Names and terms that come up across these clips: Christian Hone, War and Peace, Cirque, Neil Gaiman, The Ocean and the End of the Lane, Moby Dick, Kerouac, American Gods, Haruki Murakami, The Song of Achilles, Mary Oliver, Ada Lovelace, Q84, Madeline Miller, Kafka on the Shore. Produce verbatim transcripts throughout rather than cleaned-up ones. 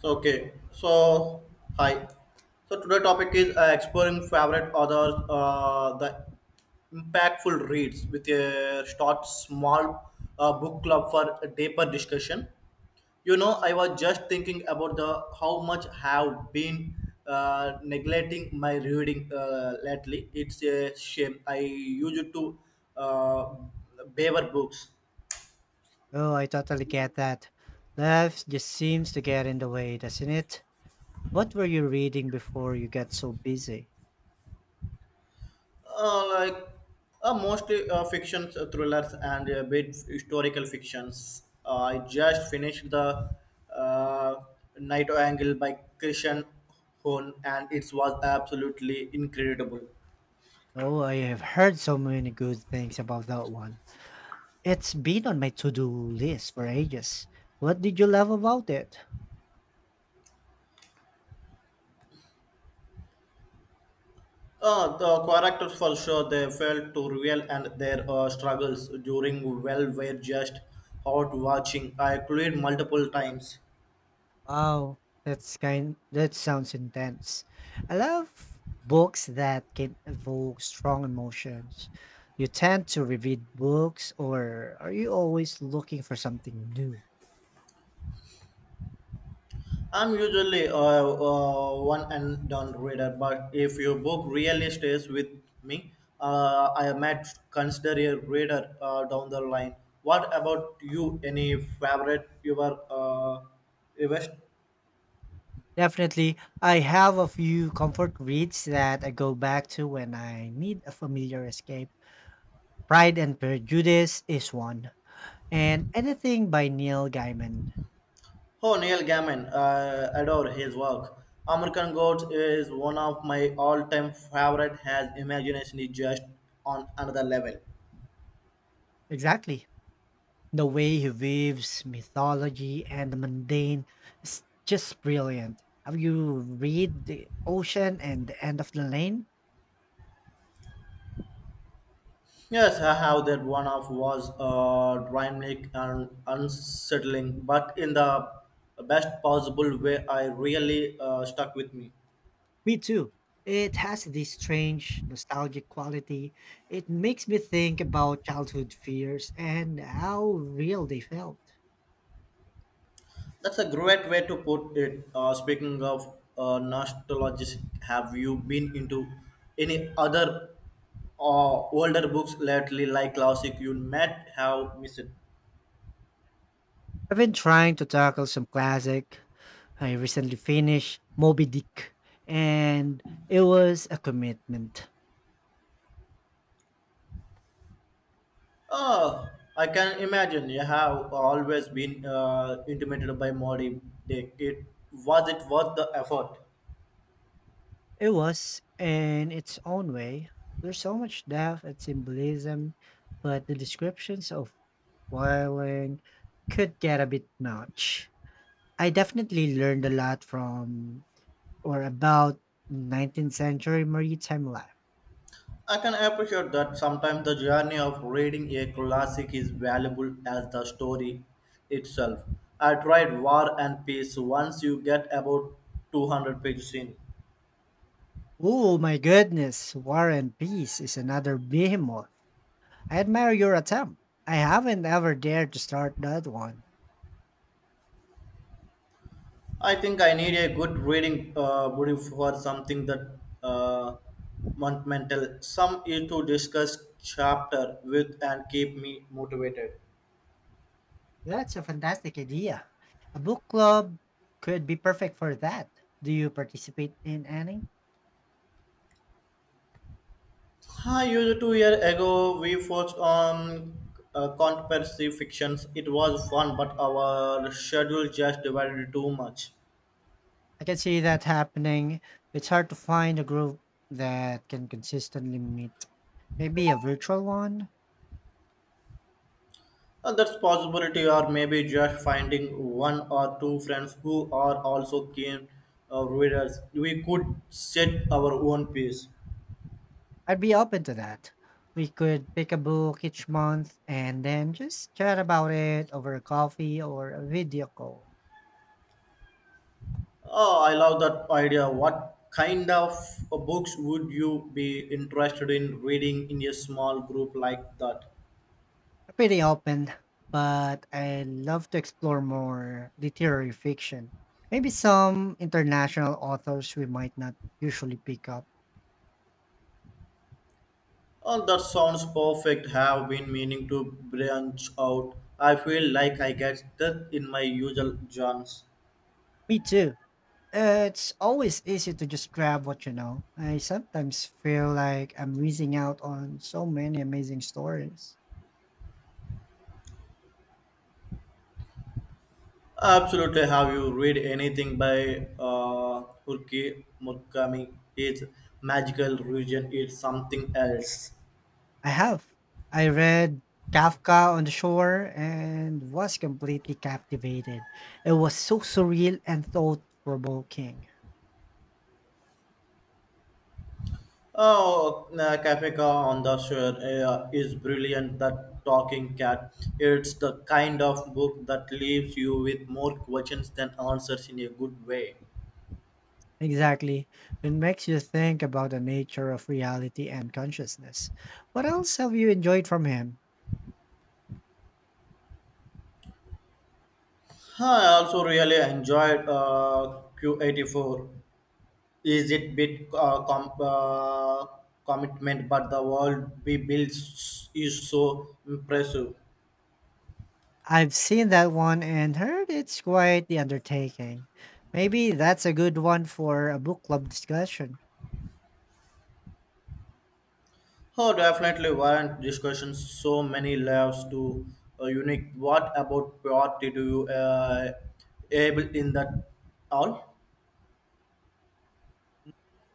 So, okay, so hi. So today topic is uh, exploring favorite authors, uh, the impactful reads with a short, small uh, book club for a deeper discussion. You know, I was just thinking about the how much have been uh, neglecting my reading uh, lately. It's a shame. I used to uh, beaver books. Oh, I totally get that. Life just seems to get in the way, doesn't it? What were you reading before you got so busy? Uh, like uh, most uh, fictions, uh, thrillers, and a bit historical fictions. Uh, I just finished the uh, Night Angle by Christian Hone, and it was absolutely incredible. Oh, I have heard so many good things about that one. It's been on my to-do list for ages. What did you love about it? Uh, the characters, for sure, they felt too real, and their uh, struggles during well were just hot watching. I cried multiple times. Wow, that's kind that sounds intense. I love books that can evoke strong emotions. You tend to reread books or are you always looking for something new? I'm usually uh, uh, one and done reader, but if your book really stays with me, uh, I might consider a reader uh, down the line. What about you? Any favorite your uh, invest? Definitely. I have a few comfort reads that I go back to when I need a familiar escape. Pride and Prejudice is one, and anything by Neil Gaiman. Oh, Neil Gaiman. Uh, adore his work. American Gods is one of my all-time favorite. Has imagination is just on another level. Exactly. The way he weaves mythology and the mundane is just brilliant. Have you read The Ocean and the End of the Lane? Yes, I have that one of was uh, dynamic and unsettling, but in the best possible way. I really uh, stuck with me. Me too. It has this strange nostalgic quality. It makes me think about childhood fears and how real they felt. That's a great way to put it. Uh, speaking of uh, nostalgic, have you been into any other uh, older books lately, like classic you might have missed? I've been trying to tackle some classic. I recently finished Moby Dick, and it was a commitment. Oh, I can imagine. You have always been uh, intimidated by modern day. It was it worth the effort? It was, in its own way. There's so much depth and symbolism, but the descriptions of whaling could get a bit much. I definitely learned a lot from or about nineteenth century maritime life. I can appreciate that sometimes the journey of reading a classic is valuable as the story itself. I tried War and Peace once you get about two hundred pages in. Oh my goodness, War and Peace is another behemoth. I admire your attempt. I haven't ever dared to start that one. I think I need a good reading uh, brief for something that uh, monumental. Some is to discuss chapter with and keep me motivated. That's a fantastic idea. A book club could be perfect for that. Do you participate in any? Hi, you two years ago we focused on uh, conspiracy fictions. It was fun, but our schedule just divided too much. I can see that happening. It's hard to find a group that can consistently meet. Maybe a virtual one? Uh, that's possibility, or maybe just finding one or two friends who are also keen uh, readers. We could set our own pace. I'd be open to that. We could pick a book each month and then just chat about it over a coffee or a video call. Oh, I love that idea. What kind of uh, books would you be interested in reading in a small group like that? Pretty open, but I love to explore more literary fiction. Maybe some international authors we might not usually pick up. Oh, that sounds perfect. Have been meaning to branch out. I feel like I get that in my usual jams. Me too. Uh, It's always easy to just grab what you know. I sometimes feel like I'm missing out on so many amazing stories. Absolutely. Have you read anything by uh, Haruki Murakami? His magical region is something else. I have. I read Kafka on the Shore and was completely captivated. It was so surreal and thought provoking. Oh, uh, Kafka on the shore uh, is brilliant. That talking cat. It's the kind of book that leaves you with more questions than answers in a good way. Exactly. It makes you think about the nature of reality and consciousness. What else have you enjoyed from him? Huh, I also really enjoyed uh, Q eighty-four. Is it bit uh, com- uh, commitment, but the world we built s- is so impressive. I've seen that one and heard it's quite the undertaking. Maybe that's a good one for a book club discussion. Oh, definitely weren't discussions so many layers to uh, unique. What about priority do you uh, able in that all?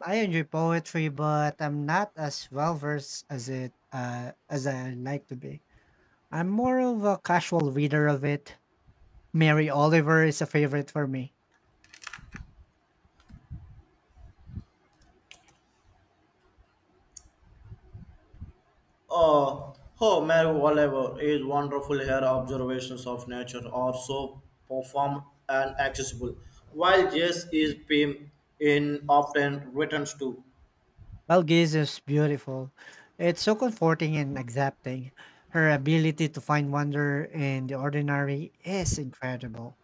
I enjoy poetry, but I'm not as well versed as it uh, as I like to be. I'm more of a casual reader of it. Mary Oliver is a favorite for me. Oh, oh, Mary Oliver is wonderful. Her observations of nature are so profound and accessible, while Jess is beam in often returns to. Well, Giz is beautiful. It's so comforting and accepting. Her ability to find wonder in the ordinary is incredible.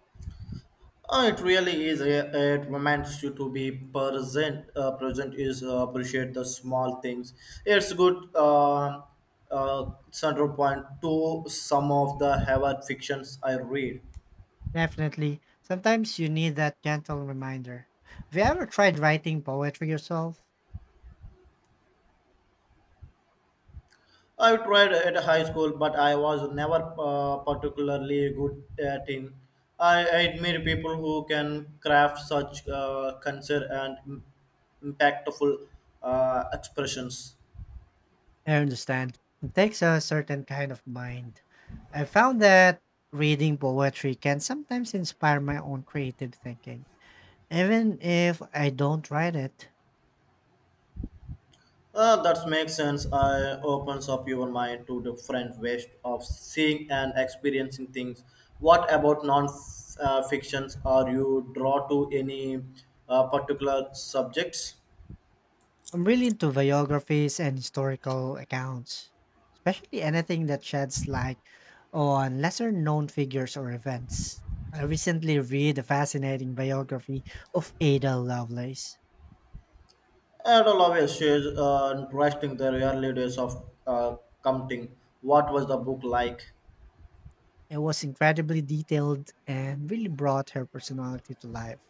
Uh, it really is. A, it reminds you to be present. Uh, present is uh, appreciate the small things. It's good. Uh, uh, central point to some of the Harvard fictions I read. Definitely. Sometimes you need that gentle reminder. Have you ever tried writing poetry yourself? I tried at high school, but I was never uh, particularly good at it. I admire people who can craft such uh, concert and im- impactful uh, expressions. I understand. It takes a certain kind of mind. I found that reading poetry can sometimes inspire my own creative thinking, even if I don't write it. Uh, that makes sense. I opens up your mind to different ways of seeing and experiencing things. What about non-fictions? Are you drawn to any uh, particular subjects? I'm really into biographies and historical accounts, especially anything that sheds light on lesser known figures or events. I recently read a fascinating biography of Ada Lovelace. It will always shares uh, interesting the early days of uh, commuting. What was the book like? It was incredibly detailed and really brought her personality to life.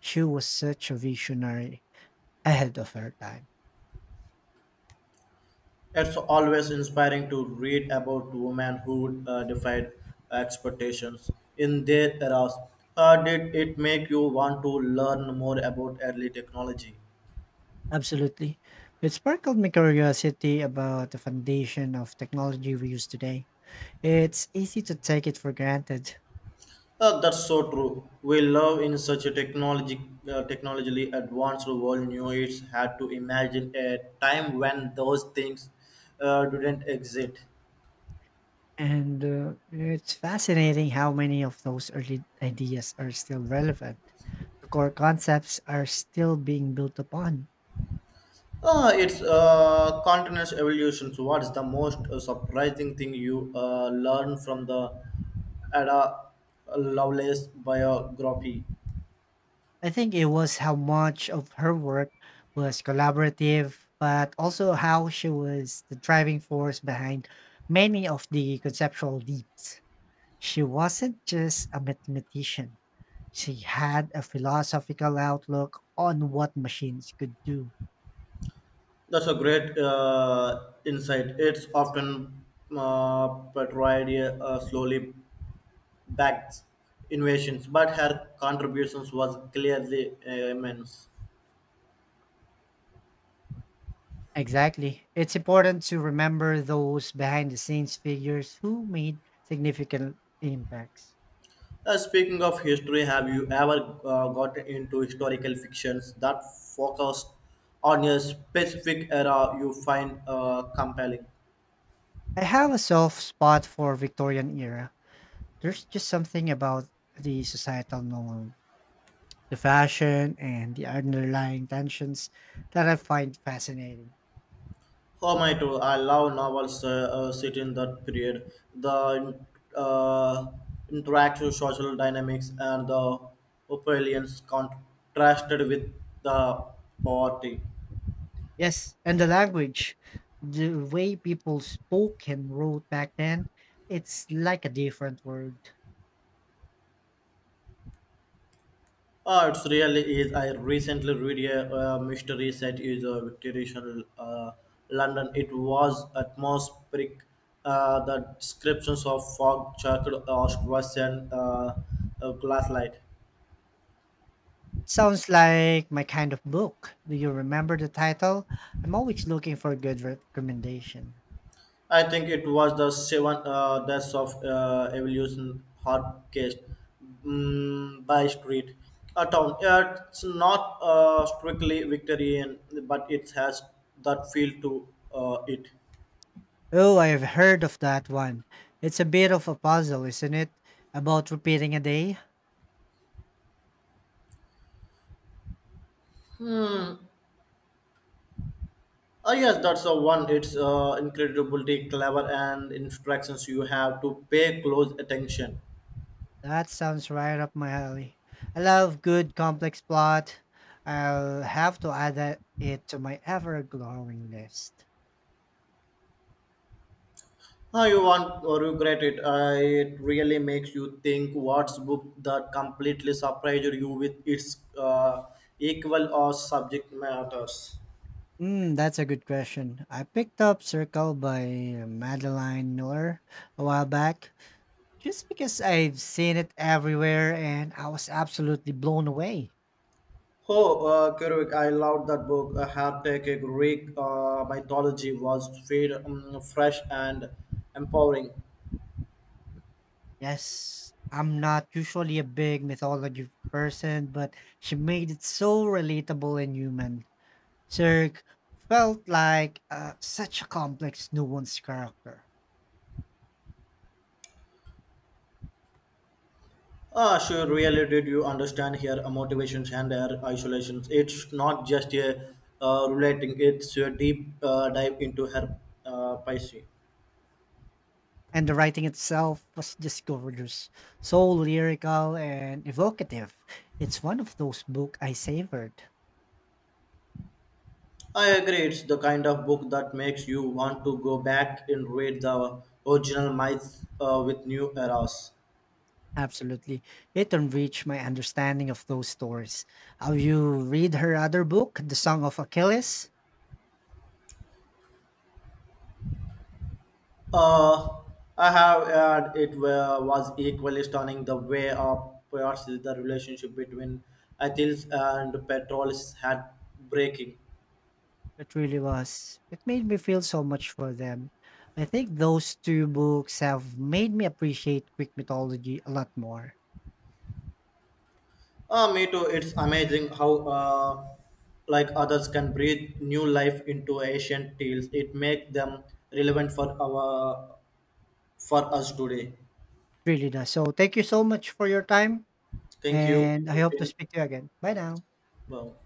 She was such a visionary ahead of her time. It's always inspiring to read about women who uh, defied expectations in their eras. Uh, did it make you want to learn more about early technology? Absolutely. It sparkled my curiosity about the foundation of technology we use today. It's easy to take it for granted. Uh, that's so true. We live in such a technology, uh, technologically advanced world. New it's had to imagine a time when those things uh, didn't exist. And uh, It's fascinating how many of those early ideas are still relevant. The core concepts are still being built upon. Uh, it's uh, continuous evolution. So, what's the most uh, surprising thing you uh, learn from the Ada Lovelace biography? I think it was how much of her work was collaborative, but also how she was the driving force behind many of the conceptual leaps. She wasn't just a mathematician. She had a philosophical outlook on what machines could do. That's a great uh, insight. It's often uh, portrayed uh, slowly backed invasions, but her contributions was clearly uh, immense. Exactly. It's important to remember those behind the scenes figures who made significant impacts. Uh, speaking of history, have you ever uh, got into historical fictions that focus on a specific era you find uh, compelling? I have a soft spot for Victorian era. There's just something about the societal norm, the fashion and the underlying tensions that I find fascinating. Oh my too, I love novels uh, uh, set in that period. The uh, interactive social dynamics and the opulence contrasted with the poverty. Yes, and the language, the way people spoke and wrote back then, it's like a different world. Uh, it's really is. I recently read a uh, mystery set is a Victorian uh, London. It was atmospheric. Uh, the descriptions of fog, charcoal, ash, and uh, uh, glass light. Sounds like my kind of book. Do you remember the title? I'm always looking for a good recommendation. I think it was the seven uh, deaths of uh, evolution hard case mm, by street. A town. Yeah, it's not uh, strictly Victorian, but it has that feel to uh, it. Oh, I've heard of that one. It's a bit of a puzzle, isn't it? About repeating a day? Uh, yes, that's the one. It's uh, incredibly clever and instructions you have to pay close attention. That sounds right up my alley. I love good complex plot. I'll have to add that it to my ever growing list. How you want or regret it. Uh, it really makes you think what's book that completely surprises you with its uh, equal or subject matters. Mm, that's a good question. I picked up Circle by Madeline Miller a while back just because I've seen it everywhere and I was absolutely blown away. Oh, uh, Kerouac, I loved that book. A Her Take a Greek uh, mythology was fed, um, fresh and empowering. Yes, I'm not usually a big mythology person, but she made it so relatable and human. Cirque felt like uh, such a complex, nuanced character, Ah, sure. Really, did you understand here uh, motivations and their isolations? It's not just a uh, relating; it's a deep uh, dive into her uh, Pisces. and the writing itself was just gorgeous, so lyrical and evocative. It's one of those books I savored. I agree. It's the kind of book that makes you want to go back and read the original myths uh, with new eras. Absolutely. It enriched my understanding of those stories. Have you read her other book, The Song of Achilles? Uh, I have heard it wa- was equally stunning the way of perhaps the relationship between Athens and Petrolus had breaking. It really was. It made me feel so much for them. I think those two books have made me appreciate Greek mythology a lot more. Uh, me too. It's amazing how uh, like others can breathe new life into ancient tales. It makes them relevant for our for us today. Really does. So, thank you so much for your time, Thank you. and I hope to Christine. speak to you again. Bye now. Wow.